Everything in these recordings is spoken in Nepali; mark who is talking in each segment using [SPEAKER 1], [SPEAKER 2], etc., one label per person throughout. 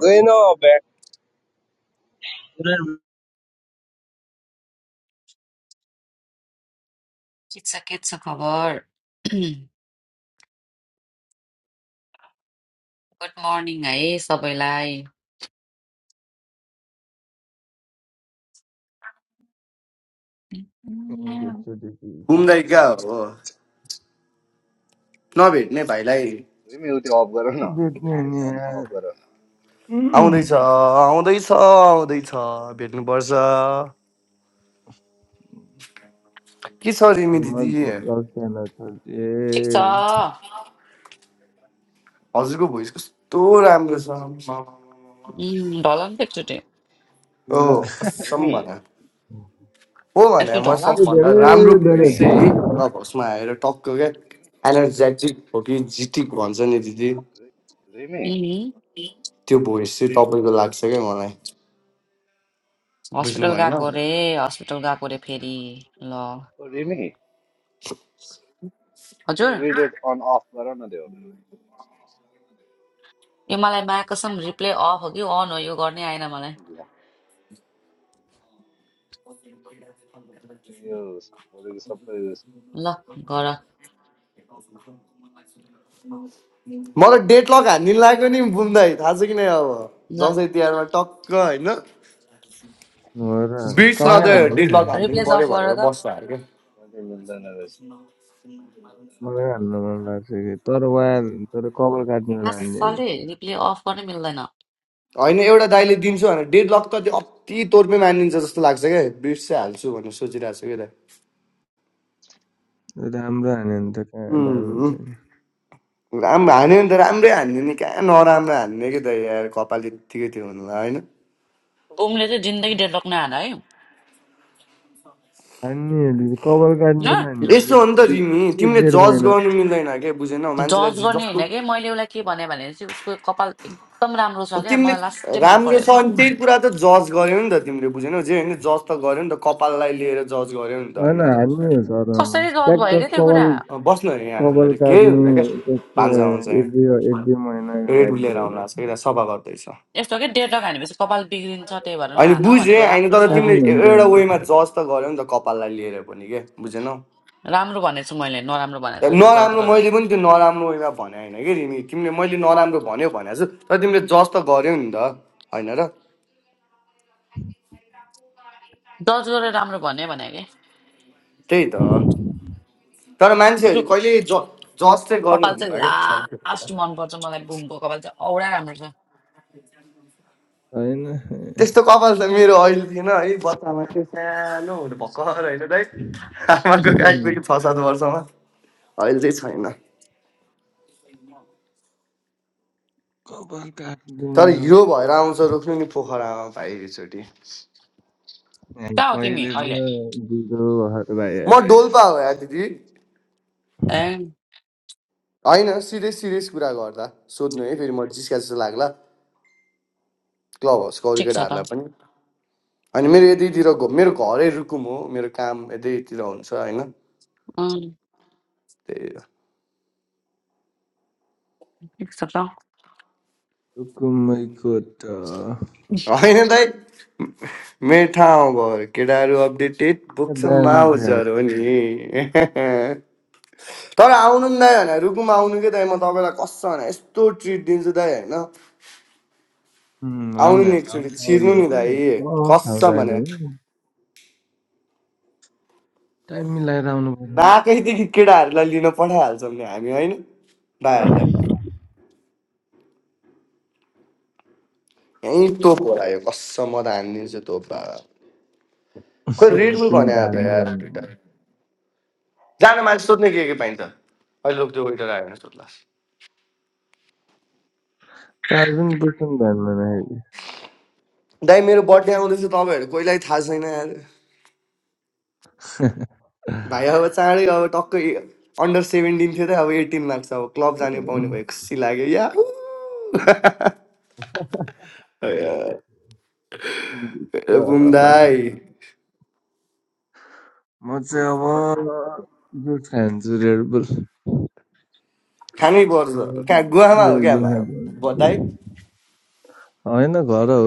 [SPEAKER 1] They know Allback.
[SPEAKER 2] ठिक छ खबर गुड मर्निङ है सबैलाई उम्,
[SPEAKER 3] Get your diseases.
[SPEAKER 4] घुम्दैका
[SPEAKER 3] So,
[SPEAKER 4] हो नभेट्ने भाइलाई
[SPEAKER 5] Remy, у те off-гарна replace on
[SPEAKER 3] Virginia,
[SPEAKER 5] off-гара.
[SPEAKER 3] Mm.
[SPEAKER 4] आउँदैछ आउँदैछ आउँदैछ भेट्नुपर्छ के छ रिमी
[SPEAKER 3] you
[SPEAKER 4] दिदी
[SPEAKER 3] must go senator.
[SPEAKER 2] ठिक छ उम्,
[SPEAKER 4] हजुरको भोइस कस्तो राम्रो छ आम्मामा।
[SPEAKER 2] ढल नि त एकचोटि
[SPEAKER 4] हो कसम भन
[SPEAKER 5] Remy,
[SPEAKER 4] हो भने
[SPEAKER 2] एकचोटि
[SPEAKER 4] म
[SPEAKER 2] ढल उम्,
[SPEAKER 4] सबभन्दा
[SPEAKER 3] धेरै
[SPEAKER 4] राम्रो
[SPEAKER 5] oh
[SPEAKER 3] धेरै
[SPEAKER 5] Remy,
[SPEAKER 4] भोइस चाहिँ
[SPEAKER 3] हो
[SPEAKER 4] क्लब हाउसमा आएर टक्क क्या एनर्जेटिक हो कि जिटिक भन्छ नि दिदी
[SPEAKER 5] Remy,
[SPEAKER 4] त्यो भोइस चाहिँ तपाईँको लाग्छ क्या मलाई बुझ्नु
[SPEAKER 2] हस्पिटल
[SPEAKER 4] भएन
[SPEAKER 2] गएको रे हस्पिटल गएको रे फेरि ल
[SPEAKER 5] oh Remy. У то
[SPEAKER 2] हजुर
[SPEAKER 5] relay on off-гарана дейва.
[SPEAKER 2] यो मलाई माया कसम रिप्ले अफ हो कि अन हो यो गर्नै आएन मलाई
[SPEAKER 5] Yeah. So you, for example,
[SPEAKER 2] ल गर
[SPEAKER 4] मलाई डेट लक हान्ने लाग्यो नि बुम्दै थाहा छ कि नै अब
[SPEAKER 2] ल
[SPEAKER 4] दसैँ तिहारमा टक्क होइन
[SPEAKER 3] र
[SPEAKER 4] बिट्स
[SPEAKER 2] गर
[SPEAKER 3] सँगै
[SPEAKER 4] नदे
[SPEAKER 3] हान्ने
[SPEAKER 2] त
[SPEAKER 4] डेड लक हानिदिनु
[SPEAKER 2] रिप्लेस अफ
[SPEAKER 4] पऱ्यो
[SPEAKER 2] गर
[SPEAKER 4] भनेर
[SPEAKER 2] त
[SPEAKER 4] बस्छ अरे क्या
[SPEAKER 5] when you turn on the light.
[SPEAKER 3] मलाई हान्न मन लाग्छ कि तर वा तर कपाल काट्ने बेला हान्ने कि
[SPEAKER 2] मासले रिप्ले अफ गर्नै मिल्दैन
[SPEAKER 4] होइन एउटा दाइले दिन्छु भनेर डेड लक त त्यो अति तोर्पे मानिन्छ जस्तो लाग्छ क्या बिट्स चाहिँ हाल्छु भनेर सोचिरहेको छु क्या दाइ
[SPEAKER 3] त्यो राम्रो हान्यो भने त कहाँ दामी
[SPEAKER 4] उम्,
[SPEAKER 3] हुन्छ नि
[SPEAKER 4] राम्रो हान्यो नि त राम्रै हान्ने नि कहाँ नराम्रो हान्ने क्या दाइ यार कपाल यत्तिकै थियो भन्नुलाई होइन
[SPEAKER 2] बुमले चाहिँ जिन्दगी डेडलक नहान है
[SPEAKER 3] हान्ने हो दिदी, कपाल काट्ने
[SPEAKER 2] ल
[SPEAKER 4] यस्तो हो नि त तिमी तिमीले जज गर्नु मिल्दैन क्या बुझेनौ मान्छेलाई
[SPEAKER 2] जज
[SPEAKER 4] जे-
[SPEAKER 2] गर्ने
[SPEAKER 4] जस्तो
[SPEAKER 2] होइन कि मैले उसलाई के भने भने चाहिँ उसको कपाल एकदम राम्रो छ क्या
[SPEAKER 4] तिमीले
[SPEAKER 2] मलाई लास्टै मन
[SPEAKER 4] राम्रो छ
[SPEAKER 2] परेछ
[SPEAKER 4] भने त्यही कुरा त जज गर्यौ नि त तिमीले बुझेनौ जे होइन जज त गर्यौ नि त कपाललाई लिएर जज गर्यौ नि त होइन र
[SPEAKER 2] कसरी जज भयो क्या त्यो कुरा
[SPEAKER 4] अँ, बस्नु होइन यहाँ
[SPEAKER 3] कपाल
[SPEAKER 4] आनन्दले केही
[SPEAKER 3] काट्ने
[SPEAKER 4] हुँदैन क्या
[SPEAKER 3] एक
[SPEAKER 4] भान्सा भान्सा
[SPEAKER 3] एक
[SPEAKER 4] यहाँ
[SPEAKER 3] दुई एक दुई महिना
[SPEAKER 4] रेड लिएर
[SPEAKER 3] हामी
[SPEAKER 4] आउनु आएको छ कि त्यहाँ सफा गर्दैछ
[SPEAKER 2] यस्तो के डेढ रक हानेपछि कपाल बिग्रिन्छ त्यही भएर
[SPEAKER 4] अनि
[SPEAKER 2] नहान भनेको
[SPEAKER 4] बुझेँ होइन
[SPEAKER 2] राम्रो
[SPEAKER 4] तर
[SPEAKER 2] छ
[SPEAKER 3] काट्ने
[SPEAKER 4] तिमीले
[SPEAKER 3] हो
[SPEAKER 4] ए- एउटा वेमा जज त गर्यौ नि त कपाललाई लिएर पनि के बुझेनौ
[SPEAKER 2] राम्रो भनेको छु मैले नराम्रो भनेको छैन जज
[SPEAKER 4] नराम्रो
[SPEAKER 2] गरेर
[SPEAKER 4] मैले पनि त्यो नराम्रो वेमा भने होइन कि रिमी तिमीले मैले नराम्रो भन्यो भने छु तर तिमीले जज त गर्यौ नि त होइन र
[SPEAKER 2] जज गरेर राम्रो भन्यो भने कि
[SPEAKER 4] त्यही त तर
[SPEAKER 2] उसको
[SPEAKER 4] मान्छेहरू
[SPEAKER 2] क-
[SPEAKER 4] कहिले ज जज चाहिँ
[SPEAKER 2] कपाल चाहिँ
[SPEAKER 4] गर्नुहुन्न
[SPEAKER 2] लास्ट
[SPEAKER 4] क्या
[SPEAKER 2] मनपर्छ मलाई बुमको कपाल चाहिँ औडा राम्रो छ
[SPEAKER 3] होइन
[SPEAKER 4] त्यस्तो कपाल त मेरो अहिले थिएन है बच्चामा त्यो सानो हुनु भर्खर होइन दाइ आमाको काटदेखि छ सात वर्षमा अहिले चाहिँ छैन
[SPEAKER 3] कपाल काटिदिने
[SPEAKER 4] तर यो भएर आउँछ रुख्नु पोखरामा भाइ एकचोटि
[SPEAKER 2] कहाँ हो तिमी
[SPEAKER 3] कहिले
[SPEAKER 2] अहिले
[SPEAKER 3] त दिदो भर भाइ
[SPEAKER 4] म डोल्पा हो या दिदी
[SPEAKER 2] ए
[SPEAKER 4] होइन सिरियस सिरियस कुरा गर्दा सोध्नु है फेरि म जिस्का जस्तो लाग्ला क्लब हाउसको अरू
[SPEAKER 2] ठिक छ त
[SPEAKER 4] केटाहरूलाई पनि अनि मेरो यतैतिर मेरो घरै रुकुम हो मेरो काम यतैतिर हुन्छ होइन
[SPEAKER 2] अँ,
[SPEAKER 4] त्यही
[SPEAKER 2] ठिक छ त
[SPEAKER 3] कुकुम्बैको त
[SPEAKER 4] होइन दाइ मेरो ठाउँ भयो केटाहरू अपडेटेड बोक्छ
[SPEAKER 3] दामी छ
[SPEAKER 4] माउजहरू हो नि तर आउनु नि दाइ होइन रुकुम आउनु के दाइ म तपाईँलाई कस भने यस्तो ट्रिट दिन्छु दाइ होइन
[SPEAKER 3] होइन
[SPEAKER 4] आउनु नि एकचोटि छिर्नु
[SPEAKER 3] आउने
[SPEAKER 4] नि
[SPEAKER 3] हो
[SPEAKER 4] भाइ
[SPEAKER 3] सब ठाउँ
[SPEAKER 4] कसम भने
[SPEAKER 3] टाइम मिलाएर आउनु पर्यो नि
[SPEAKER 4] नाकैदेखि केटाहरूलाई लिन पठाइहाल्छौँ नि हामी होइन भाइहरूलाई यहीँ तोप होला यो कसम म त हानिदिन्छु तोप बा खोइ रेडबुल
[SPEAKER 3] तिमी
[SPEAKER 4] भने
[SPEAKER 3] त
[SPEAKER 4] आयो त
[SPEAKER 3] हान्ने
[SPEAKER 4] यार दुइटा
[SPEAKER 3] भन्यो
[SPEAKER 4] जान मान्छे सोध्ने के के पाइन्छ अहिले लोक त्यो वेटर आयो भने सोध्ला
[SPEAKER 3] कार्जुन बोक्नु ध्यानमा
[SPEAKER 4] दाइ मेरो बर्थडे आउँदैछ तपाईँहरू कोहीलाई थाहा छैन यार भाइ अब चाँडै अब टक्कै अन्डर सेभेन्टिन थियो त अब एटिन लाग्छ अब क्लब जाने पाउने भयो खुसी लाग्यो या बुम
[SPEAKER 3] राखेको
[SPEAKER 4] दाई
[SPEAKER 3] म चाहिँ अब दुध खान्छु रेड बुल
[SPEAKER 4] खानै पर्छ कहाँ गुवामा हो
[SPEAKER 3] रेड
[SPEAKER 4] क्या
[SPEAKER 3] बुल
[SPEAKER 4] भ- दाइ
[SPEAKER 3] खान्छु होइन घर हो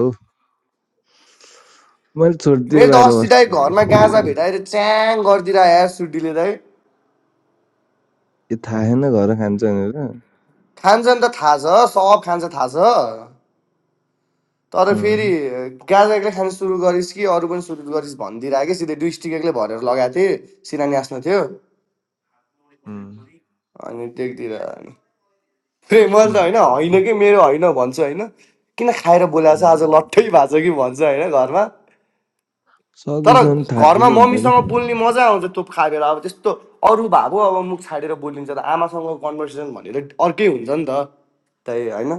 [SPEAKER 3] मैले छोडिदिएँ
[SPEAKER 4] मैले त
[SPEAKER 3] बाहिर
[SPEAKER 4] अस्ति दाइ
[SPEAKER 3] बस्नु
[SPEAKER 4] घरमा गाँजा भेटाएर च्याङ गरिदिएर यार सुटीले दाइ
[SPEAKER 3] यो थाहा छैन घर खान्छ भनेर
[SPEAKER 4] खान्छ त थाहा छ सब खान्छ थाहा छ तर फेरि
[SPEAKER 3] अँ,
[SPEAKER 4] गाँजा एक्लै खान सुरु गरिस् कि अरू पनि सुरु गरिस् भनिदिएर कि सिधै दुई स्टिक एक्लै भरेर लगाएको थिएँ सिना थियो
[SPEAKER 3] अँ,
[SPEAKER 4] अनि त्यतिर अनि फेरि मैले त
[SPEAKER 3] अँ।
[SPEAKER 4] होइन होइन कि मेरो होइन भन्छु होइन किन खाएर बोलाएको छ आज
[SPEAKER 3] अँ।
[SPEAKER 4] लट्ठै भएको छ कि भन्छु होइन घरमा तर
[SPEAKER 3] सकेसम्म थाहा
[SPEAKER 4] घरमा
[SPEAKER 3] दिनुहुन्न
[SPEAKER 4] मम्मीसँग बोल्ने
[SPEAKER 3] कि
[SPEAKER 4] मजा आउँछ तोप खाएर अब त्यस्तो अरू भए पो अब मुख छाडेर बोलिन्छ त आमासँग कन्भर्सेसन भनेर अर्कै हुन्छ नि त त्यही होइन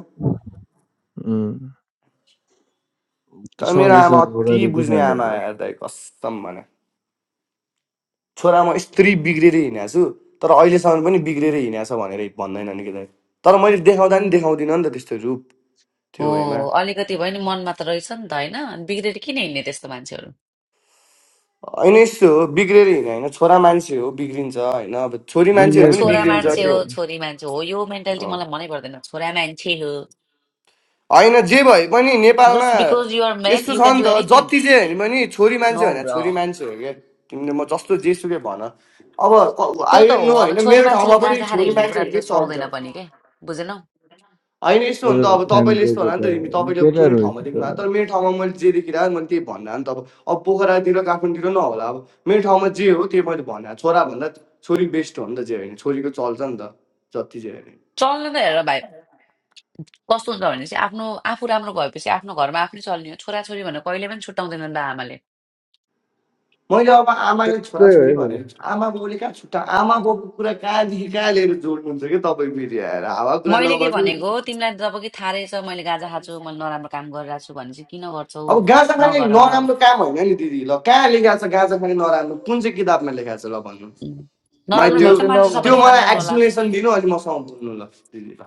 [SPEAKER 3] अँ,
[SPEAKER 4] तर मेरो आमा
[SPEAKER 3] सकेसम्म
[SPEAKER 4] अति
[SPEAKER 3] अगाडि चाहिँ
[SPEAKER 4] बुझ्ने आमा
[SPEAKER 3] खानुहुन्न
[SPEAKER 4] यार दाइ कस्तम भने छोरा म यस्तरी बिग्रेर हिँडेको छु तर अहिलेसम्म पनि बिग्रेर हिँडेको छ भनेर भन्दैन नि कि दाइ तर मैले देखाउँदा नि देखाउँदिनँ नि त त्यस्तो रूप
[SPEAKER 2] हो
[SPEAKER 4] त्यो वेमा
[SPEAKER 2] अलिकति भयो नि मनमा त रहेछ नि त होइन अनि बिग्रेर किन हिँड्ने त्यस्तो मान्छेहरू
[SPEAKER 4] होइन यस्तो हो बिग्रेर हिँड्यो होइन छोरा मान्छे हो बिग्रिन्छ होइन अब छोरी
[SPEAKER 2] ए
[SPEAKER 4] मान्छेहरू
[SPEAKER 3] बिग्रेको
[SPEAKER 4] पनि
[SPEAKER 3] छैन
[SPEAKER 2] छोरा
[SPEAKER 4] बिग्रिन्छ
[SPEAKER 3] भाइ
[SPEAKER 2] मान्छे हो
[SPEAKER 4] त्यो हो
[SPEAKER 2] छोरी मान्छे हो यो मेन्टालिटी
[SPEAKER 4] अँ।
[SPEAKER 2] मलाई मनै पर्दैन छोरा मान्छे हो
[SPEAKER 4] होइन जे भए पनि नेपालमा
[SPEAKER 2] जस्ट बिकज युआर मेन
[SPEAKER 4] यस्तो
[SPEAKER 2] यु
[SPEAKER 4] छ
[SPEAKER 2] क्यान
[SPEAKER 4] नि
[SPEAKER 2] डु
[SPEAKER 4] त
[SPEAKER 2] एनिथिङ
[SPEAKER 4] जति जे होइन भने छोरी
[SPEAKER 2] नो
[SPEAKER 4] मान्छे होइन
[SPEAKER 2] ब्र
[SPEAKER 4] छोरी मान्छे हो क्या तिमीले म जस्तो जेसुकै भन अब
[SPEAKER 2] त्यो
[SPEAKER 4] आई
[SPEAKER 2] त
[SPEAKER 4] डोन्ट
[SPEAKER 2] हो
[SPEAKER 4] नो
[SPEAKER 2] अब
[SPEAKER 4] होइन
[SPEAKER 2] छोरी
[SPEAKER 4] मेरो
[SPEAKER 2] मान्छेले
[SPEAKER 4] ठाउँमा पनि
[SPEAKER 2] गाँजा खाएर
[SPEAKER 4] छोरी
[SPEAKER 2] हिँड्ने कुरा त्यो
[SPEAKER 4] मान्छेहरूकै चल्छ
[SPEAKER 2] सुहाउँदैन पनि के बुझेनौ
[SPEAKER 4] होइन यस्तो हो नि त
[SPEAKER 3] तर
[SPEAKER 4] अब
[SPEAKER 3] खान्छ
[SPEAKER 4] तपाईँले यस्तो होला नि त
[SPEAKER 3] केटाहरू
[SPEAKER 4] तिमी तपाईँले अब कुनै
[SPEAKER 3] केटाहरू रहेछ
[SPEAKER 4] ठाउँमा देख्नु
[SPEAKER 3] तर
[SPEAKER 4] भएको तर मेरो ठाउँमा मैले जे देखिरहेको मैले त्यही भन्नु नि त अब अब पोखरातिर काठमाडौँतिर नहोला अब मेरो ठाउँमा जे हो त्यही मैले भन्नु छोराभन्दा छोरी बेस्ट हो नि त जे होइन छोरीको चल्छ नि त जति जे होइन
[SPEAKER 2] चल्नु त हेर भाइ कस्तो हुन्छ भने आफ्नो आफू राम्रो भएपछि आफ्नो घरमा आफै चल्ने हो छोराछोरी भनेर कहिले पनि छुट्याउँदैनन् त आमाले
[SPEAKER 4] मैले अब आमाले
[SPEAKER 3] त्यस्तै हो
[SPEAKER 4] छोराछोरी
[SPEAKER 3] है भाइ।
[SPEAKER 4] भनेर आमा बाउले कहाँ छुट्टा आमा बाउको कुरा कहाँदेखि कहाँ लिएर जोड्नुहुन्छ कि तपाईँ फेरि आएर हावा कुरा
[SPEAKER 2] मैले के
[SPEAKER 4] नगर्नु
[SPEAKER 2] भनेको तिमीलाई जब कि थाहा रहेछ मैले गाँजा खाएको छु मैले नराम्रो काम गरिरहेको छु भने चाहिँ किन गर्छौ
[SPEAKER 4] अब गाँजा खाने
[SPEAKER 2] नगर
[SPEAKER 4] नराम्रो काम होइन नि दिदी ल कहाँ लेखा छ गाँजा खाने नराम्रो कुन चाहिँ किताबमा लेखा छ ल भन्नु
[SPEAKER 2] उम्।
[SPEAKER 4] मलाई
[SPEAKER 2] नराम्रो
[SPEAKER 3] अब यो
[SPEAKER 4] त्यो
[SPEAKER 2] भएर त
[SPEAKER 3] चाहिँ
[SPEAKER 2] मान्छे
[SPEAKER 4] त्यो
[SPEAKER 2] सबैले
[SPEAKER 4] मलाई
[SPEAKER 2] खान्नन्
[SPEAKER 3] नभन्नु
[SPEAKER 2] होला
[SPEAKER 4] एक्सप्लेनेसन दिनु अनि मसँग बोल्नु ल दिदी ल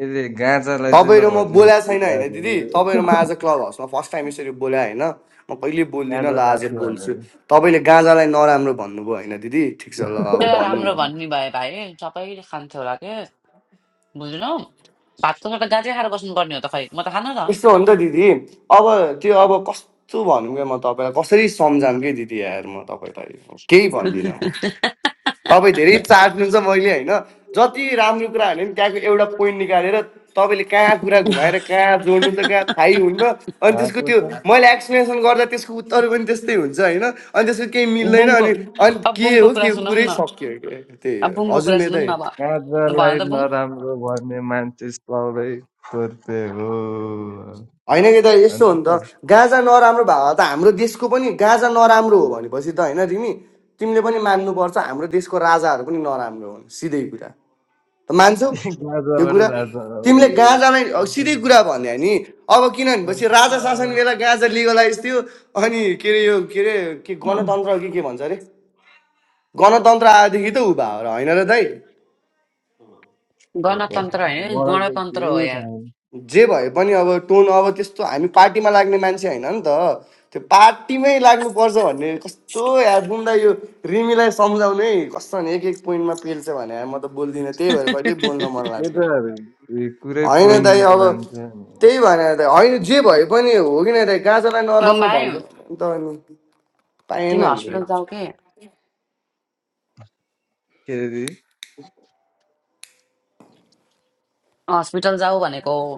[SPEAKER 3] यसले गाँजालाई चाहिँ
[SPEAKER 4] तपाईँ र म
[SPEAKER 3] नभन्ने
[SPEAKER 4] बोल्या छैन होइन दिदी तपाईँ
[SPEAKER 3] केटाहरूले
[SPEAKER 4] र म आज क्लब हाउसमा फर्स्ट टाइम यसरी बोल्या होइन म कहिले बोल्दिनँ
[SPEAKER 3] गाँजा
[SPEAKER 4] ल आज
[SPEAKER 3] माथि भने
[SPEAKER 4] बोल्छु तपाईँले गाँजालाई नराम्रो भन्नुभयो होइन दिदी ठिक छ ल अब
[SPEAKER 2] त्यसलाई
[SPEAKER 4] भन्नु
[SPEAKER 2] राम्रो
[SPEAKER 4] न
[SPEAKER 2] भन्ने भयो भाइ सबैले खान्थ्यो होला के बुझ्नु भातको सट्टा गाजै खाएर बस्नुपर्ने हो त खै म त खान त
[SPEAKER 4] यस्तो हो नि त दिदी अब त्यो अब कस्तो भनौँ क्या म तपाईँलाई कसरी सम्झाउँ कि दिदी यार म तपाईँलाई केही भन्दिनँ म तपाईँ धेरै चाट्नुहुन्छ मैले होइन जति राम्रो कुरा हाल्यो नि त्यहाँको एउटा पोइन्ट निकालेर तपाईँले कहाँ कुरा घुमाएर कहाँ जोड्नु त कहाँ थाहै हुन्न अनि त्यसको
[SPEAKER 3] आएको
[SPEAKER 4] त्यो
[SPEAKER 3] छ
[SPEAKER 4] मैले एक्सप्लेनेसन गर्दा त्यसको उत्तर पनि त्यस्तै हुन्छ होइन अनि त्यसको केही मिल्दैन
[SPEAKER 2] बुमको
[SPEAKER 4] अनि अनि
[SPEAKER 2] अब
[SPEAKER 4] के
[SPEAKER 2] बुमको
[SPEAKER 4] हो के
[SPEAKER 2] कुरा
[SPEAKER 4] हो,
[SPEAKER 2] सुनौँ
[SPEAKER 4] कुरै
[SPEAKER 2] न
[SPEAKER 4] सक्यो के। त्यही
[SPEAKER 2] अब
[SPEAKER 4] हो
[SPEAKER 2] बुमको
[SPEAKER 4] हजुर
[SPEAKER 2] कुरा
[SPEAKER 4] मेरो
[SPEAKER 2] सुनौँ न
[SPEAKER 4] त
[SPEAKER 2] अब भन
[SPEAKER 3] गाँजालाई
[SPEAKER 2] त बुम
[SPEAKER 3] नराम्रो भन्ने मान्छे सबै तोर्पे हो
[SPEAKER 4] होइन कि त यस्तो हो
[SPEAKER 3] भन्दै
[SPEAKER 4] नि त
[SPEAKER 3] छ
[SPEAKER 4] गाँजा नराम्रो भएको त हाम्रो देशको पनि गाँजा नराम्रो हो भनेपछि त होइन रिमी तिमीले पनि मान्नुपर्छ हाम्रो देशको राजाहरू पनि नराम्रो हुन् सिधै कुरा त मान्छौ यो
[SPEAKER 3] गाँजाबाट
[SPEAKER 4] कुरा
[SPEAKER 3] राजा हो
[SPEAKER 4] तिमीले
[SPEAKER 3] यो।
[SPEAKER 4] गाँजालाई अ, सिधै कुरा भन्यो नि अब किन भनेपछि राजा शासन बेला गाँजा लिगलाइज थियो अनि के अरे यो के अरे के गणतन्त्र हो कि के भन्छ अरे गणतन्त्र आएदेखि त ऊ भएको र होइन र दाइ
[SPEAKER 3] हो, हो।
[SPEAKER 2] गणतन्त्र होइन
[SPEAKER 3] मलाई त
[SPEAKER 2] गणतन्त्र हो
[SPEAKER 3] केही
[SPEAKER 2] यार
[SPEAKER 3] थाहा छैन
[SPEAKER 4] जे भए पनि अब टोन अब त्यस्तो हामी पार्टीमा लाग्ने मान्छे होइन नि त त्यो पार्टीमै लाग्नुपर्छ भन्ने कस्तो यार बुम्दा यो रिमीलाई सम्झाउनै कस्तो भने एक एक पोइन्टमा पेल्छ भने यार म त बोल्दिनँ त्यही भएर कहिले बोल्न मन लाग्दैन
[SPEAKER 3] केटाहरू ए, कुरै
[SPEAKER 4] होइन दाइ
[SPEAKER 3] पोइन्टमा
[SPEAKER 4] अब
[SPEAKER 3] जान्छ नि।
[SPEAKER 4] त्यही भनेर दाइ होइन जे भए पनि हो कि नै दाइ गाजालाई
[SPEAKER 2] बुम
[SPEAKER 4] नराम्रो
[SPEAKER 2] भाइ
[SPEAKER 4] भन्छ भने त अनि पाएन
[SPEAKER 2] तिमी
[SPEAKER 4] नि
[SPEAKER 2] हस्पिटल जाऊ के
[SPEAKER 3] के अरे
[SPEAKER 2] हस्पिटल जाऊ भनेको हो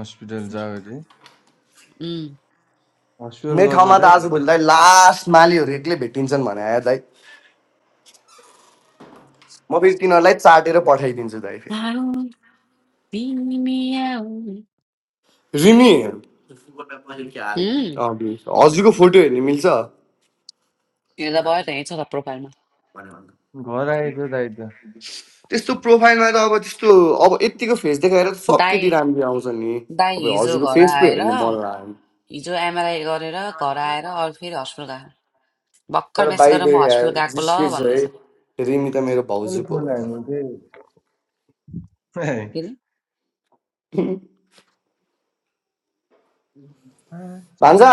[SPEAKER 3] हस्पिटल जाओ अरे
[SPEAKER 2] उम्.
[SPEAKER 3] हस्पिटल
[SPEAKER 4] मेरो
[SPEAKER 3] गएको
[SPEAKER 4] ठाउँमा
[SPEAKER 3] दाइ
[SPEAKER 4] त आजभोलि दाइ लास्ट मालीहरू एक्लै भेटिन्छन् भने आयो दाइ म फेरि तिनीहरूलाई चाटेर पठाइदिन्छु दाइ
[SPEAKER 2] आऊ,
[SPEAKER 4] फेरि
[SPEAKER 2] तिमी आऊ।
[SPEAKER 4] रिमी
[SPEAKER 2] उम्,
[SPEAKER 4] अँ, हजुरको फोटो हेर्ने मिल्छ त्यस्तो
[SPEAKER 2] यो त भयो त यहीँ छ त प्रोफाइलमा
[SPEAKER 3] घर आएछ दाइ त
[SPEAKER 4] प्रोफाइलमा त अब त्यस्तो अब यत्तिको फेस देखाएर त सब
[SPEAKER 2] दाई
[SPEAKER 4] केटी राम्री आउँछ नि
[SPEAKER 2] दाई
[SPEAKER 4] अब
[SPEAKER 2] हिजो
[SPEAKER 4] हजुरको
[SPEAKER 2] घर
[SPEAKER 4] फेस पो हेर्नु
[SPEAKER 2] आएर
[SPEAKER 4] मन लाग्यो
[SPEAKER 2] हिजो एमआरआई गरेर घर आएर अरू फेरि हस्पिटल गएको भर्खर
[SPEAKER 4] तर
[SPEAKER 2] म्यासेज
[SPEAKER 4] बाई
[SPEAKER 2] गरेर म हस्पिटल
[SPEAKER 4] द
[SPEAKER 2] गएको ल
[SPEAKER 4] जिस्के है
[SPEAKER 2] भन्दैछ
[SPEAKER 4] रिमी त मेरो
[SPEAKER 3] मैले
[SPEAKER 4] भाउजू पो
[SPEAKER 3] फोन
[SPEAKER 4] हो त
[SPEAKER 3] हान्नु थिएँ Hey.
[SPEAKER 2] फेरि
[SPEAKER 4] भान्जा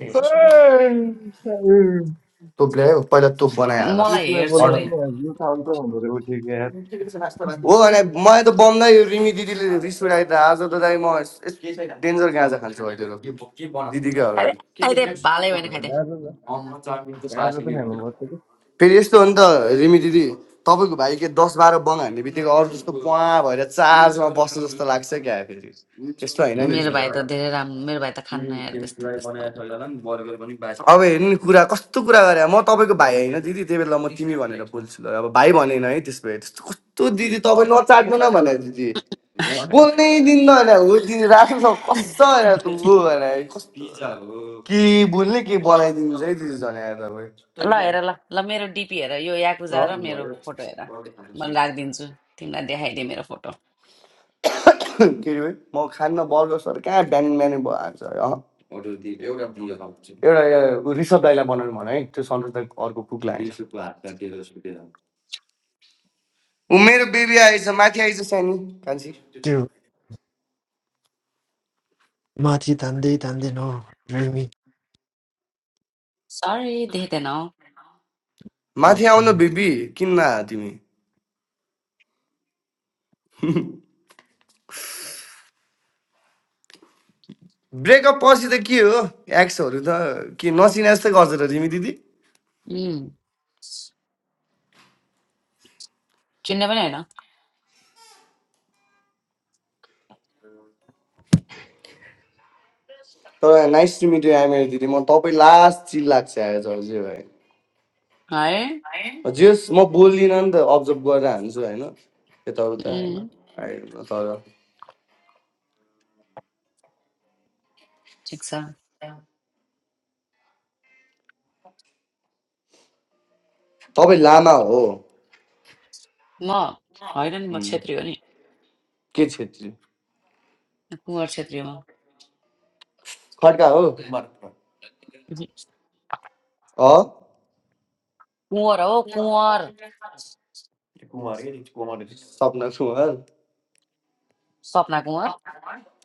[SPEAKER 3] उसलाई
[SPEAKER 4] तोप ल्यायो पहिला तोप बनाइहाल
[SPEAKER 2] मलाई हेर्छु रे
[SPEAKER 4] अर्डर
[SPEAKER 3] बोलाउनु न यो त अन्त भनेर उठेको यार
[SPEAKER 2] उम्.
[SPEAKER 4] हो भने मलाई त बम्दा यो रिमी दिदीले रिस उठायो त आज त दाइ म डेन्जर गाँजा खान्छु अहिले दिदीकै
[SPEAKER 2] अरे
[SPEAKER 4] अगाडि
[SPEAKER 2] खाइदे भालै भएन खाइदे
[SPEAKER 3] गाजर
[SPEAKER 2] अँ,
[SPEAKER 3] गाजर त खानुपर्छ
[SPEAKER 4] फेरि यस्तो हो नि त रिमी दिदी तपाईँको भाइ के दस बाह्र बङ हान्ने बित्तिकै अरू जस्तो पुवा भएर चार्जमा बस्नु जस्तो लाग्छ क्या फेरि त्यस्तो होइन नि
[SPEAKER 2] मेरो
[SPEAKER 4] फेरि।
[SPEAKER 2] भाइ त धेरै राम्रो मेरो भाइ त खान्न यार त्यस्तो त्यस्तो
[SPEAKER 4] अब हेर्नु नि कुरा कस्तो कुरा गरे म तपाईँको भाइ होइन दिदी त्यही बेला म तिमी भनेर बोल्छु ल अब भाइ भनेन है त्यस भए त्यस्तो कस्तो दिदी तपाईँ नचाट्नु न भने दिदी बोल्नै दिन्न होइन हो दिदी राख्नु न कस्तो होइन तँ हो भने कस्तो के बोल्ने के बनाइदिनु है दिदी झन् यहाँ तपाईँ
[SPEAKER 2] ल हेर ल ल मेरो डिपी हेर यो याकुजा
[SPEAKER 4] अँ।
[SPEAKER 2] र मेरो फोटो हेर म राखिदिन्छु तिमीलाई देखाइदिएँ मेरो फोटो
[SPEAKER 4] के अरे म खान्न बर्गर सर कहाँ बिहान बिहानै भयो आज अँ। एउटा यो ऋषभ दाईलाई बनाउनु भन है त्यो सन्तोष दाई अर्को कुकलाई ऊ मेरो बेबी आएछ माथि आएछ सानी कान्छी
[SPEAKER 6] Dude, Mati Tande Tande no Jeremy.
[SPEAKER 2] Sorry देख्दैन हौ
[SPEAKER 6] Oh,
[SPEAKER 4] माथि आउनु बेबी किन्न आ तिमी ब्रेकअप पछि त के हो एक्सहरू त के नचिने जस्तै गर्छ र तिमी दिदी
[SPEAKER 2] उम्, चिन्ने पनि होइन
[SPEAKER 4] तर नाइस टु मिट यु आइमेरी दिदी म तपाईँ लास्ट चिल लाग्छ आज हजुर भाइ
[SPEAKER 2] है
[SPEAKER 4] जेस म बोल्दिनँ नि त अब्जर्भ गरेर हान्छु होइन यताउता होइन
[SPEAKER 2] उम्,
[SPEAKER 4] I don't know, तर
[SPEAKER 2] ठिक छ
[SPEAKER 4] तपाईँ लामा हो
[SPEAKER 2] म होइन नि म
[SPEAKER 4] उम्,
[SPEAKER 2] छेत्री हो नि
[SPEAKER 4] के छेत्री
[SPEAKER 2] कुँवर छेत्री हो
[SPEAKER 4] खड्का हो
[SPEAKER 2] म
[SPEAKER 4] अँ?
[SPEAKER 2] कुँवर हो कुँवर
[SPEAKER 4] कुमार के कुमार सपना कुमार
[SPEAKER 2] सपना कुँवर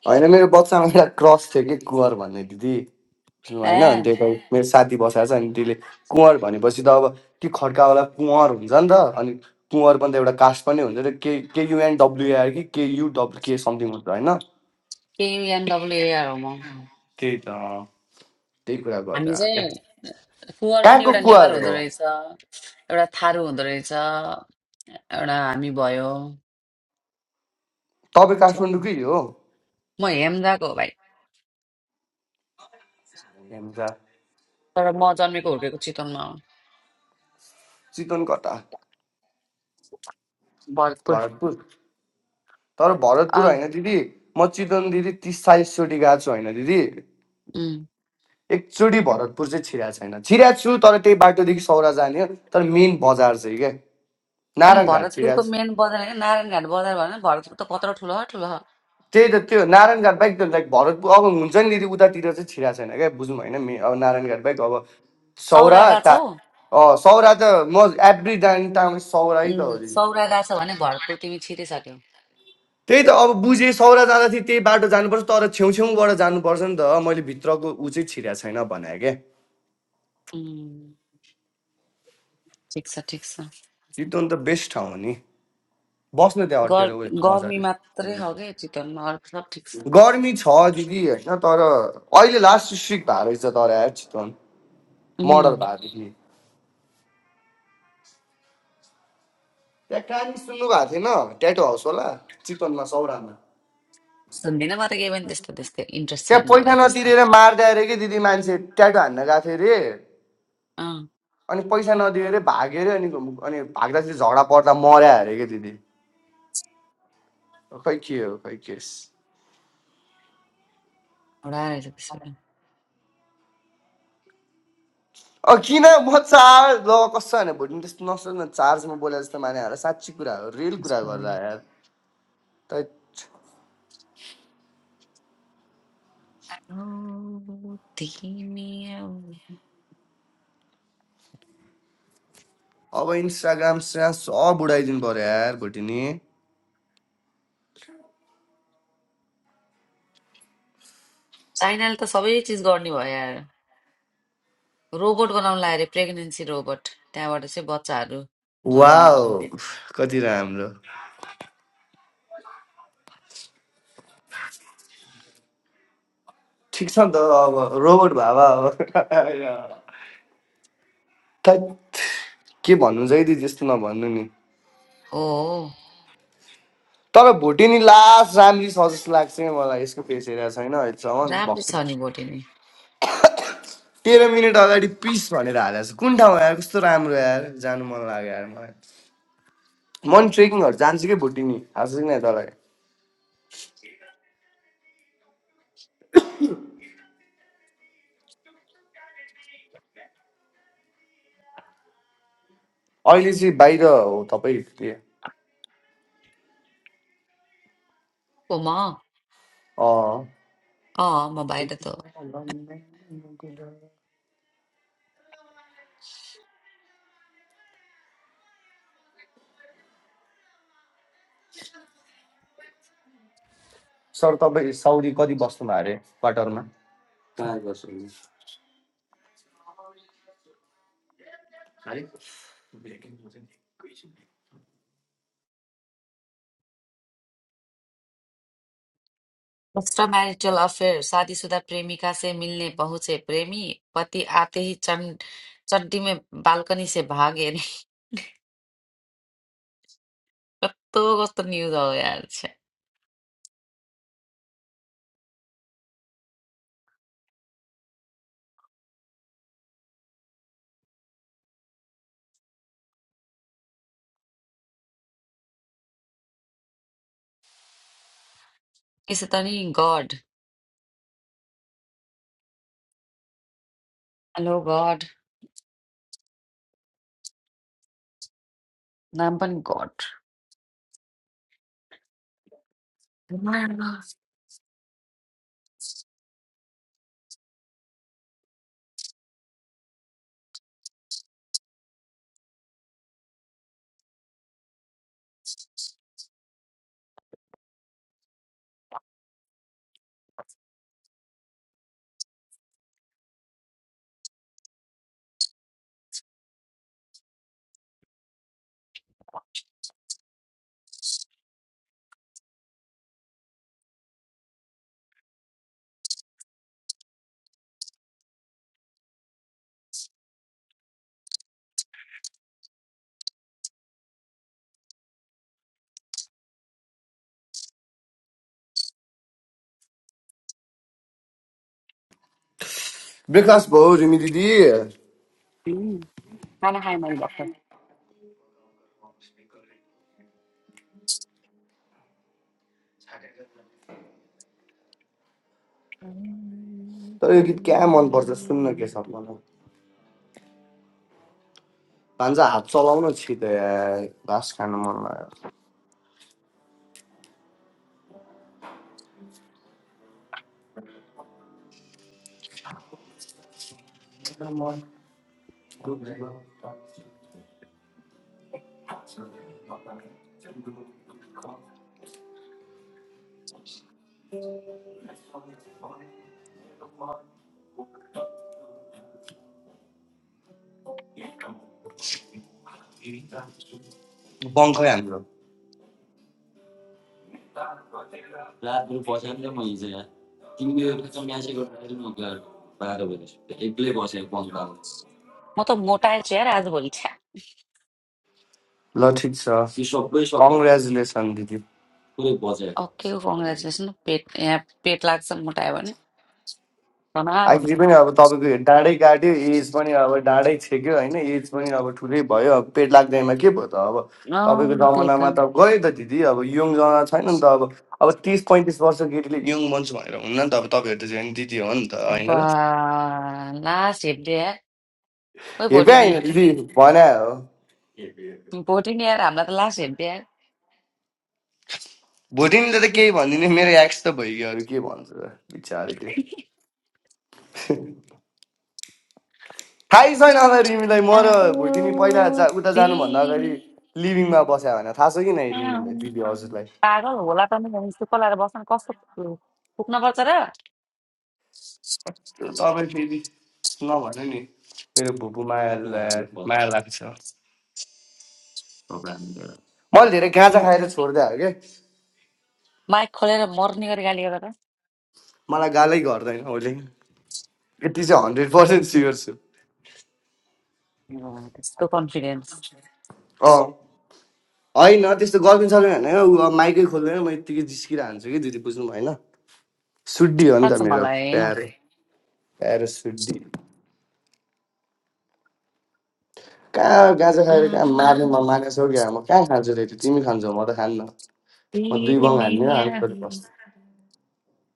[SPEAKER 4] होइन मेरो बच्चामा एउटा क्रस थियो कि कुवर भन्ने दिदी बुझ्नु
[SPEAKER 2] ए
[SPEAKER 4] होइन अनि त्यही त मेरो साथी बसाएको छ अनि त्यसले कुँवर भनेपछि त अब ती खड्कावाला कुँवर हुन्छ नि त अनि कुँवर पनि त एउटा कास्ट पनि हुन्छ र के केयुएनडब्लुएआर कि केयुडब्लु के समथिङ हुन्छ होइन
[SPEAKER 2] केयुएनडब्लुएआर हो म
[SPEAKER 4] त्यही त अँ, त्यही कुरा गरेर
[SPEAKER 2] हामी
[SPEAKER 4] आएको।
[SPEAKER 2] चाहिँ कुँवर पनि
[SPEAKER 4] कहाँको
[SPEAKER 2] एउटा नेवार
[SPEAKER 4] कुवाहरू
[SPEAKER 2] हुँदो
[SPEAKER 4] हो
[SPEAKER 2] रहेछ एउटा थारू हुँदो रहेछ एउटा हामी भयो
[SPEAKER 4] तपाईँ
[SPEAKER 2] छेत्री।
[SPEAKER 4] काठमाडौँकै हो के
[SPEAKER 2] म हेम्दाको हो भाइ
[SPEAKER 4] भन्छ
[SPEAKER 2] तर म जन्मेको हुर्केको चितवनमा हो
[SPEAKER 4] चितवन कता
[SPEAKER 2] भरतपुर
[SPEAKER 4] भरतपुर तर भरतपुर
[SPEAKER 2] अँ
[SPEAKER 4] होइन दिदी म चितवन दिदी तिस चालिसचोटि गएको छु होइन दिदी
[SPEAKER 2] उम्।
[SPEAKER 4] एकचोटि भरतपुर चाहिँ छिराएको छैन छिराएको छु तर त्यही बाटोदेखि सौरा जाने हो तर मेन बजार चाहिँ क्या
[SPEAKER 2] अनि
[SPEAKER 4] नारायण घाट
[SPEAKER 2] भरतपुरको
[SPEAKER 4] छिराएको छु
[SPEAKER 2] मेन बजार होइन नारायण घाट बजार भन्यो भने भरतपुर त कत्रो ठुलो हो, ठुलो हो।
[SPEAKER 4] त्यही त त्यो नारायण घाट बाहेक त लाइक भरतपुर अब हुन्छ नि दिदी उतातिर चाहिँ छिराएको छैन क्या बुझौँ होइन मे अब नारायण घाट बाहेक अब सौरा
[SPEAKER 2] सौरा गएको
[SPEAKER 4] ता
[SPEAKER 2] छौ
[SPEAKER 4] अँ सौरा त म एभ्री डान्स टाइम सौरै त हो
[SPEAKER 2] उम्,
[SPEAKER 4] दिदी
[SPEAKER 2] सौरा गएको छौ भने भरतपुर तिमी छिरिसक्यौ
[SPEAKER 4] त्यही त अब बुझेँ सौरा जाँदाखेरि त्यही बाटो जानुपर्छ तर छेउछेउबाट जानुपर्छ नि त मैले भित्रको ऊ चाहिँ छिरेको छैन भने क्या
[SPEAKER 2] उम्, ठिक छ ठिक छ
[SPEAKER 4] चितवन त बेस्ट ठाउँ हो नि बस्न त्यहाँ
[SPEAKER 2] गर
[SPEAKER 4] अटेर उयो
[SPEAKER 2] गर्मी
[SPEAKER 4] मजाले
[SPEAKER 2] मात्रै हो क्या चिकनमा अरू सब ठिक छ
[SPEAKER 4] गर्मी छ दिदी होइन तर अहिले लास्ट स्ट्रिक भएको रहेछ तर यार चितवन मर्डर
[SPEAKER 2] उम्,
[SPEAKER 4] भएको थियो त्यहाँ कहानी सुन्नु भएको थिएन ट्याटो हाउस होला चितवनमा सौरामा
[SPEAKER 2] सुन्दिनँ म त केही पनि त्यस्तो त्यस्तो इन्ट्रेस्ट
[SPEAKER 4] त्यहाँ
[SPEAKER 2] छैन
[SPEAKER 4] पैसा
[SPEAKER 2] मलाई त्यस्तो
[SPEAKER 4] नतिरेर मार्दै अरे कि दिदी मान्छे ट्याटो हान्न गएको थियो अरे
[SPEAKER 2] अँ
[SPEAKER 4] अनि पैसा नदिएर भाग्यो अरे अनि अनि भाग्दाखेरि झगडा पर्दा मर्या अरे कि दिदी खै के हो खै अ
[SPEAKER 2] एउटा रहेछ त्यसबाट
[SPEAKER 4] किन म चार ल कस्तो होइन भोलि त्यस्तो नसोच न चार्जमा बोले जस्तो माने होला साँच्ची कुरा हो रियल कुरा
[SPEAKER 2] त्यसको
[SPEAKER 4] गर्दा
[SPEAKER 2] लागि
[SPEAKER 4] यार त
[SPEAKER 2] आऊ, तिमी आऊ।
[SPEAKER 4] अब इन्स्टाग्राम स्राम सब बुढाइदिनु पर्यो यार भोलि नि
[SPEAKER 2] चाइनाले त सबै चिज गर्ने भयो यार रोबोट बनाउनु लाग्यो अरे प्रेग्नेन्सी रोबोट त्यहाँबाट चाहिँ बच्चाहरू
[SPEAKER 4] वा
[SPEAKER 2] जन्मिन्छ अरे
[SPEAKER 4] कति राम्रो ठिक छ नि त अब रोबोट भावा अब थैत्, के भन्नु जहिले त्यस्तो नभन्नु नि
[SPEAKER 2] हो हो,
[SPEAKER 4] तर भोटेनी लास्ट राम्री छ जस्तो लाग्छ है मलाई यसको फेस हेरेको छैन अहिलेसम्म
[SPEAKER 2] राम्रै छ
[SPEAKER 4] भक्कु
[SPEAKER 2] नि भोटे नै
[SPEAKER 4] तेह्र मिनट अगाडि पिस भनेर हालेको छ कुन ठाउँ यार कस्तो राम्रो यार जानु मन लाग्यो यार मलाई म नि ट्रेकिङहरू जान्छु कि भुटिङ नि थाहा छ कि नै तँलाई अहिले चाहिँ बाहिर हो तपाईँ के
[SPEAKER 2] ओ म
[SPEAKER 4] अँ
[SPEAKER 2] अँ म बाहिर त
[SPEAKER 4] सर तपाईँ साउदी कति बस्नुभयो अरे क्वार्टरमा
[SPEAKER 2] एक्स्ट्रामैरिटल अफेयर शादीशुदा प्रेमिका से मिलने पहुंचे प्रेमी पति आते ही चं, चड्डी में बालकनी से भागे कस्तो कस्तो न्युज हो यार छ्या। यसो त नि गड हेलो गड नाम पनि गड
[SPEAKER 4] ब्रेकफास्ट भयो रिमी दिदी
[SPEAKER 2] खाना खाएँ मैले भर्खर
[SPEAKER 4] तर यो गीत क्या मनपर्छ सुन्न के सर मलाई भान्जा हात चलाउन छिटो यार घाँस खानु मन लाग्यो बङ्खै हाम्रो
[SPEAKER 2] म त मोटाएँ छु यार आजभोलि छ्या
[SPEAKER 4] ल ठिक छ कङ्ग्रेचुलेसन दिदी
[SPEAKER 2] ओके कङ्ग्रेचुलेसन पेट यहाँ पेट लाग्छ मोटायो भने तनाव हुन्छ
[SPEAKER 4] आखिरी पनि अब तपाईँको डाँडै काट्यो एज पनि अब डाँडै छेक्यो होइन एज पनि अब ठुलै भयो अब पेट लाग्दैमा के भयो त अब तपाईँको
[SPEAKER 2] अँ, त्यही
[SPEAKER 4] जमानामा
[SPEAKER 2] त
[SPEAKER 4] त गयो त दिदी अब यङ जमाना छैन नि त अब अब तिस पैँतिस वर्ष केटीले यङ बन्छु भनेर हुन्न नि त अब तपाईँहरू त झन् दिदी हो नि त होइन
[SPEAKER 2] बा
[SPEAKER 4] र
[SPEAKER 2] लास्ट हेप्दे ओइ
[SPEAKER 4] हेपे
[SPEAKER 2] भोटिनी
[SPEAKER 4] होइन दिदी भने हो
[SPEAKER 2] भोटिनी यार हामीलाई त लास हेर्थ्यो यार
[SPEAKER 4] भोटिनीले त केही भनिदिने मेरो एक्स त भइगयो अरू के भन्छ र बिचारीले थाहै छैन होला रिमीलाई म र
[SPEAKER 2] आहो
[SPEAKER 4] भोटिनी पहिला जा उता जानुभन्दा
[SPEAKER 2] दिन
[SPEAKER 4] अगाडि लिभिङमा बस्यो भने थाहा छ कि नै रिमीलाई
[SPEAKER 2] आउँ।
[SPEAKER 4] दिदी हजुरलाई
[SPEAKER 2] पागल होला त नि भने जस्तो पलाएर बस्न कस्तो पुग्नुपर्छ र
[SPEAKER 4] त्यो तपाईँ फेरि नभन नि मेरो भुपू माया ला- माया लाग्छ मैले धेरै गाँजा
[SPEAKER 2] म-
[SPEAKER 4] खाएर छोड्दै आयो क्या
[SPEAKER 2] माइक खोलेर मर्ने गरी गाली गर्दा त
[SPEAKER 4] मलाई गालै गर्दैन उसले यति चाहिँ हन्ड्रेड पर्सेन्ट स्योर छु
[SPEAKER 2] अँ, त्यस्तो कन्फिडेन्स
[SPEAKER 4] अँ होइन त्यस्तो गरिदिनु सक्दैन भने ऊ अब माइकै खोल्दैन म यत्तिकै जिस्किरहन्छु कि दिदी बुझ्नु भएन सुड्डी हो नि
[SPEAKER 2] थाहा
[SPEAKER 4] त मेरो
[SPEAKER 2] मलाई
[SPEAKER 4] प्यारो प्यारो सुड्डी कहाँ गाँजा खाएर कहाँ
[SPEAKER 2] आहो
[SPEAKER 4] मार्यो म मानेछौ क्या म कहाँ खान्छु रे त्यो तिमी खान्छौ म त खान्न म दुई बङ
[SPEAKER 2] दिने
[SPEAKER 4] हान्ने आलु
[SPEAKER 2] आहो।
[SPEAKER 4] पस्छु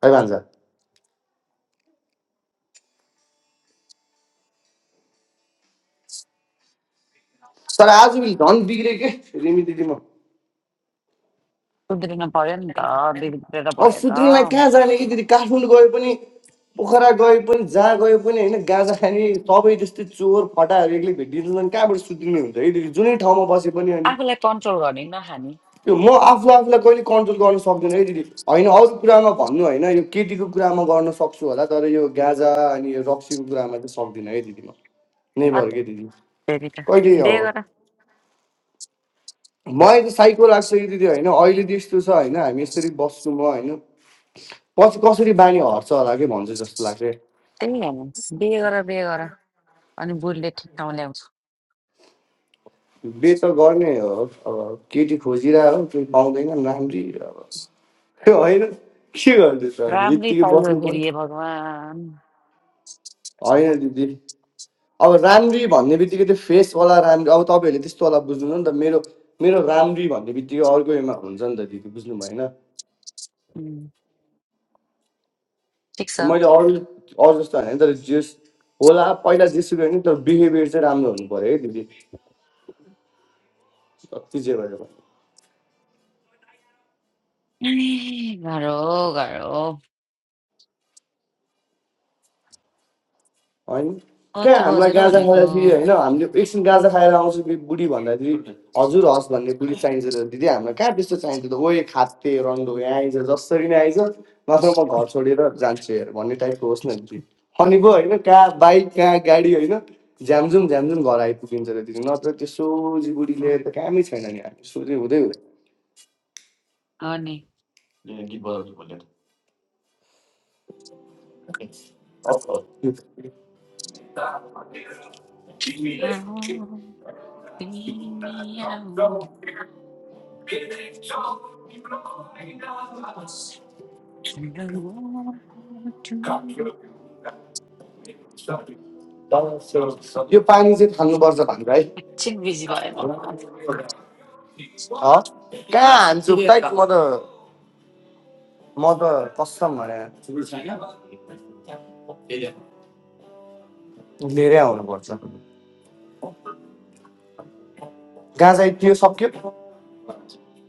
[SPEAKER 4] खै भन्छ तर आज पनि धन बिग्रे के रिमी दिदीमा
[SPEAKER 2] सुध्रिन पर्यो नि त बिग्रेर
[SPEAKER 4] अब
[SPEAKER 2] भयो त
[SPEAKER 4] सुत्रुलाई कहाँ जाने कि दिदी काठमाडौँ गए पनि पोखरा गए पनि जहाँ गए पनि होइन गाँजा खाने सबै त्यस्तै चोर फटाहरू एक्लै भेटिन्छन् कहाँबाट सुत्रिने हुन्छ है दिदी जुनै ठाउँमा बसे पनि अनि
[SPEAKER 2] आफूलाई कन्ट्रोल गर्ने नखाने
[SPEAKER 4] त्यो म आफू आफूलाई कहिले कन्ट्रोल गर्न सक्दिनँ है दिदी होइन अरू कुरामा भन्नु होइन यो केटीको कुरामा गर्न सक्छु होला तर यो गाँजा अनि यो रक्सीको कुरामा चाहिँ सक्दिनँ है दिदी म नेभर के दिदी
[SPEAKER 2] हत्तेरी त
[SPEAKER 4] कहिले अब
[SPEAKER 2] बिहे गर
[SPEAKER 4] मलाई त साइको लाग्छ कि दिदी होइन अहिले त्यस्तो छ होइन हामी यसरी बस्छौँ म होइन पछि कसरी बानी हट्छ होला कि भन्छ जस्तो लाग्छ
[SPEAKER 2] त्यही हो बिहे गर बिहे गर अनि बुढीले ठिक ठाउँ ल्याउँछ
[SPEAKER 4] बे त गर्ने हो अब केटी खोजिरहेको हो, केही पाउँदैन राम्री अब त्यो होइन के गर्दैछ अनि
[SPEAKER 2] राम्रै
[SPEAKER 4] यत्तिकै
[SPEAKER 2] चाहियो
[SPEAKER 4] बस्नु
[SPEAKER 2] फेरि हे
[SPEAKER 4] पर्यो
[SPEAKER 2] भगवान्
[SPEAKER 4] होइन दिदी अब राम्री भन्ने बित्तिकै त्यो फेसवाला राम्री अब तपाईँहरूले त्यस्तोवाला बुझ्नु नि त मेरो मेरो राम्री भन्ने बित्तिकै अर्को उयोमा हुन्छ नि त दिदी बुझ्नु भएन
[SPEAKER 2] उम्, ठिक छ
[SPEAKER 4] त्यो मैले अरू अरू जस्तो होइन तर जेस होला पहिला जेसुकै होइन तर बिहेभियर चाहिँ राम्रो हुनु पऱ्यो है दिदी जति जे भयो
[SPEAKER 2] ए, गाह्रो गाह्रो
[SPEAKER 4] होइन कहाँ
[SPEAKER 2] कति
[SPEAKER 4] हामीलाई
[SPEAKER 2] बजेर
[SPEAKER 4] गाँजा
[SPEAKER 2] भनेको
[SPEAKER 4] खाएर फेरि होइन हामीले एकछिन गाँजा खाएर आउँछु कि बुढी भन्दाखेरि हजुर हस् भन्ने बुढी चाहिन्छ त दिदी हामीलाई कहाँ त्यस्तो चाहिन्छ त ओए खाते रन्डो यहाँ आइज जसरी नै आइज नत्र म घर छोडेर जान्छु हेर भन्ने टाइपको होस् न दिदी अनि पो होइन कहाँ बाइक कहाँ गाडी होइन झ्यामझुम झ्यामझुम घर आइपुगिन्छ र दिदी नत्र त्यो सोझी बुढी लिएर त कामै छैन नि हामी सोझै हुँदै
[SPEAKER 2] हो नि
[SPEAKER 4] हुँदैन
[SPEAKER 2] आओ, तिमी आओ, लौटौँ। एकछिन
[SPEAKER 4] यो पानी चाहिँ थाल्नुपर्छ भनेर है
[SPEAKER 2] बिजी भएँ म
[SPEAKER 4] हँ? कहाँ हान्छु टाइट म त म त कसम भने लिएरै आउनुपर्छ गाँजा त्यो सक्यो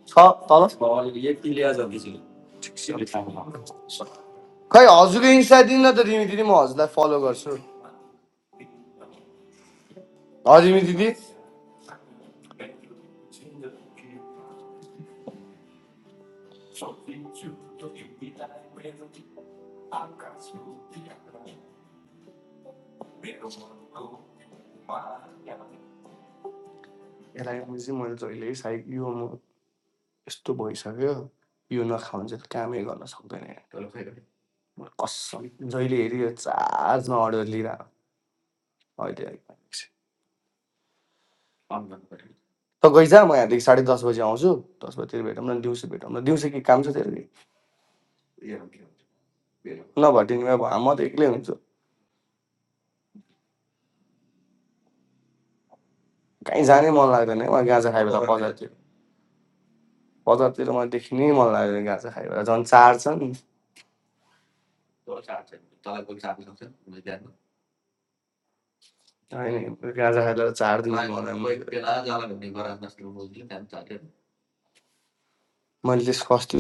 [SPEAKER 4] छ तल खै हजुरको इन्स्टा दिनु न त रिमी दिदी म हजुरलाई फलो गर्छु ह रिमी दिदी यसलाई बुझी मैले जहिले सायद यो म यस्तो भइसक्यो यो नखाउँ भने चाहिँ कामै गर्न सक्दैन म कसम जहिले हेऱ्यो यो चार्जमा अर्डर लिएर अहिले त गइजा म यहाँदेखि साढे दस बजी आउँछु दस बजीतिर भेटौँ न दिउँसो भेटौँ न दिउँसो के काम छ तेरो नभटिने भए म त एक्लै हुन्छु कहीँ जानै मन लाग्दैन है गाँजा खायो बेला बजारतिर बजारतिर मलाई देखि मन लाग्दैन गाँजा खायो बेला झन् चार छन् नाही, नाही. गाजा खायला 4 दिवस झाले. म्हणलीस कॉस्ट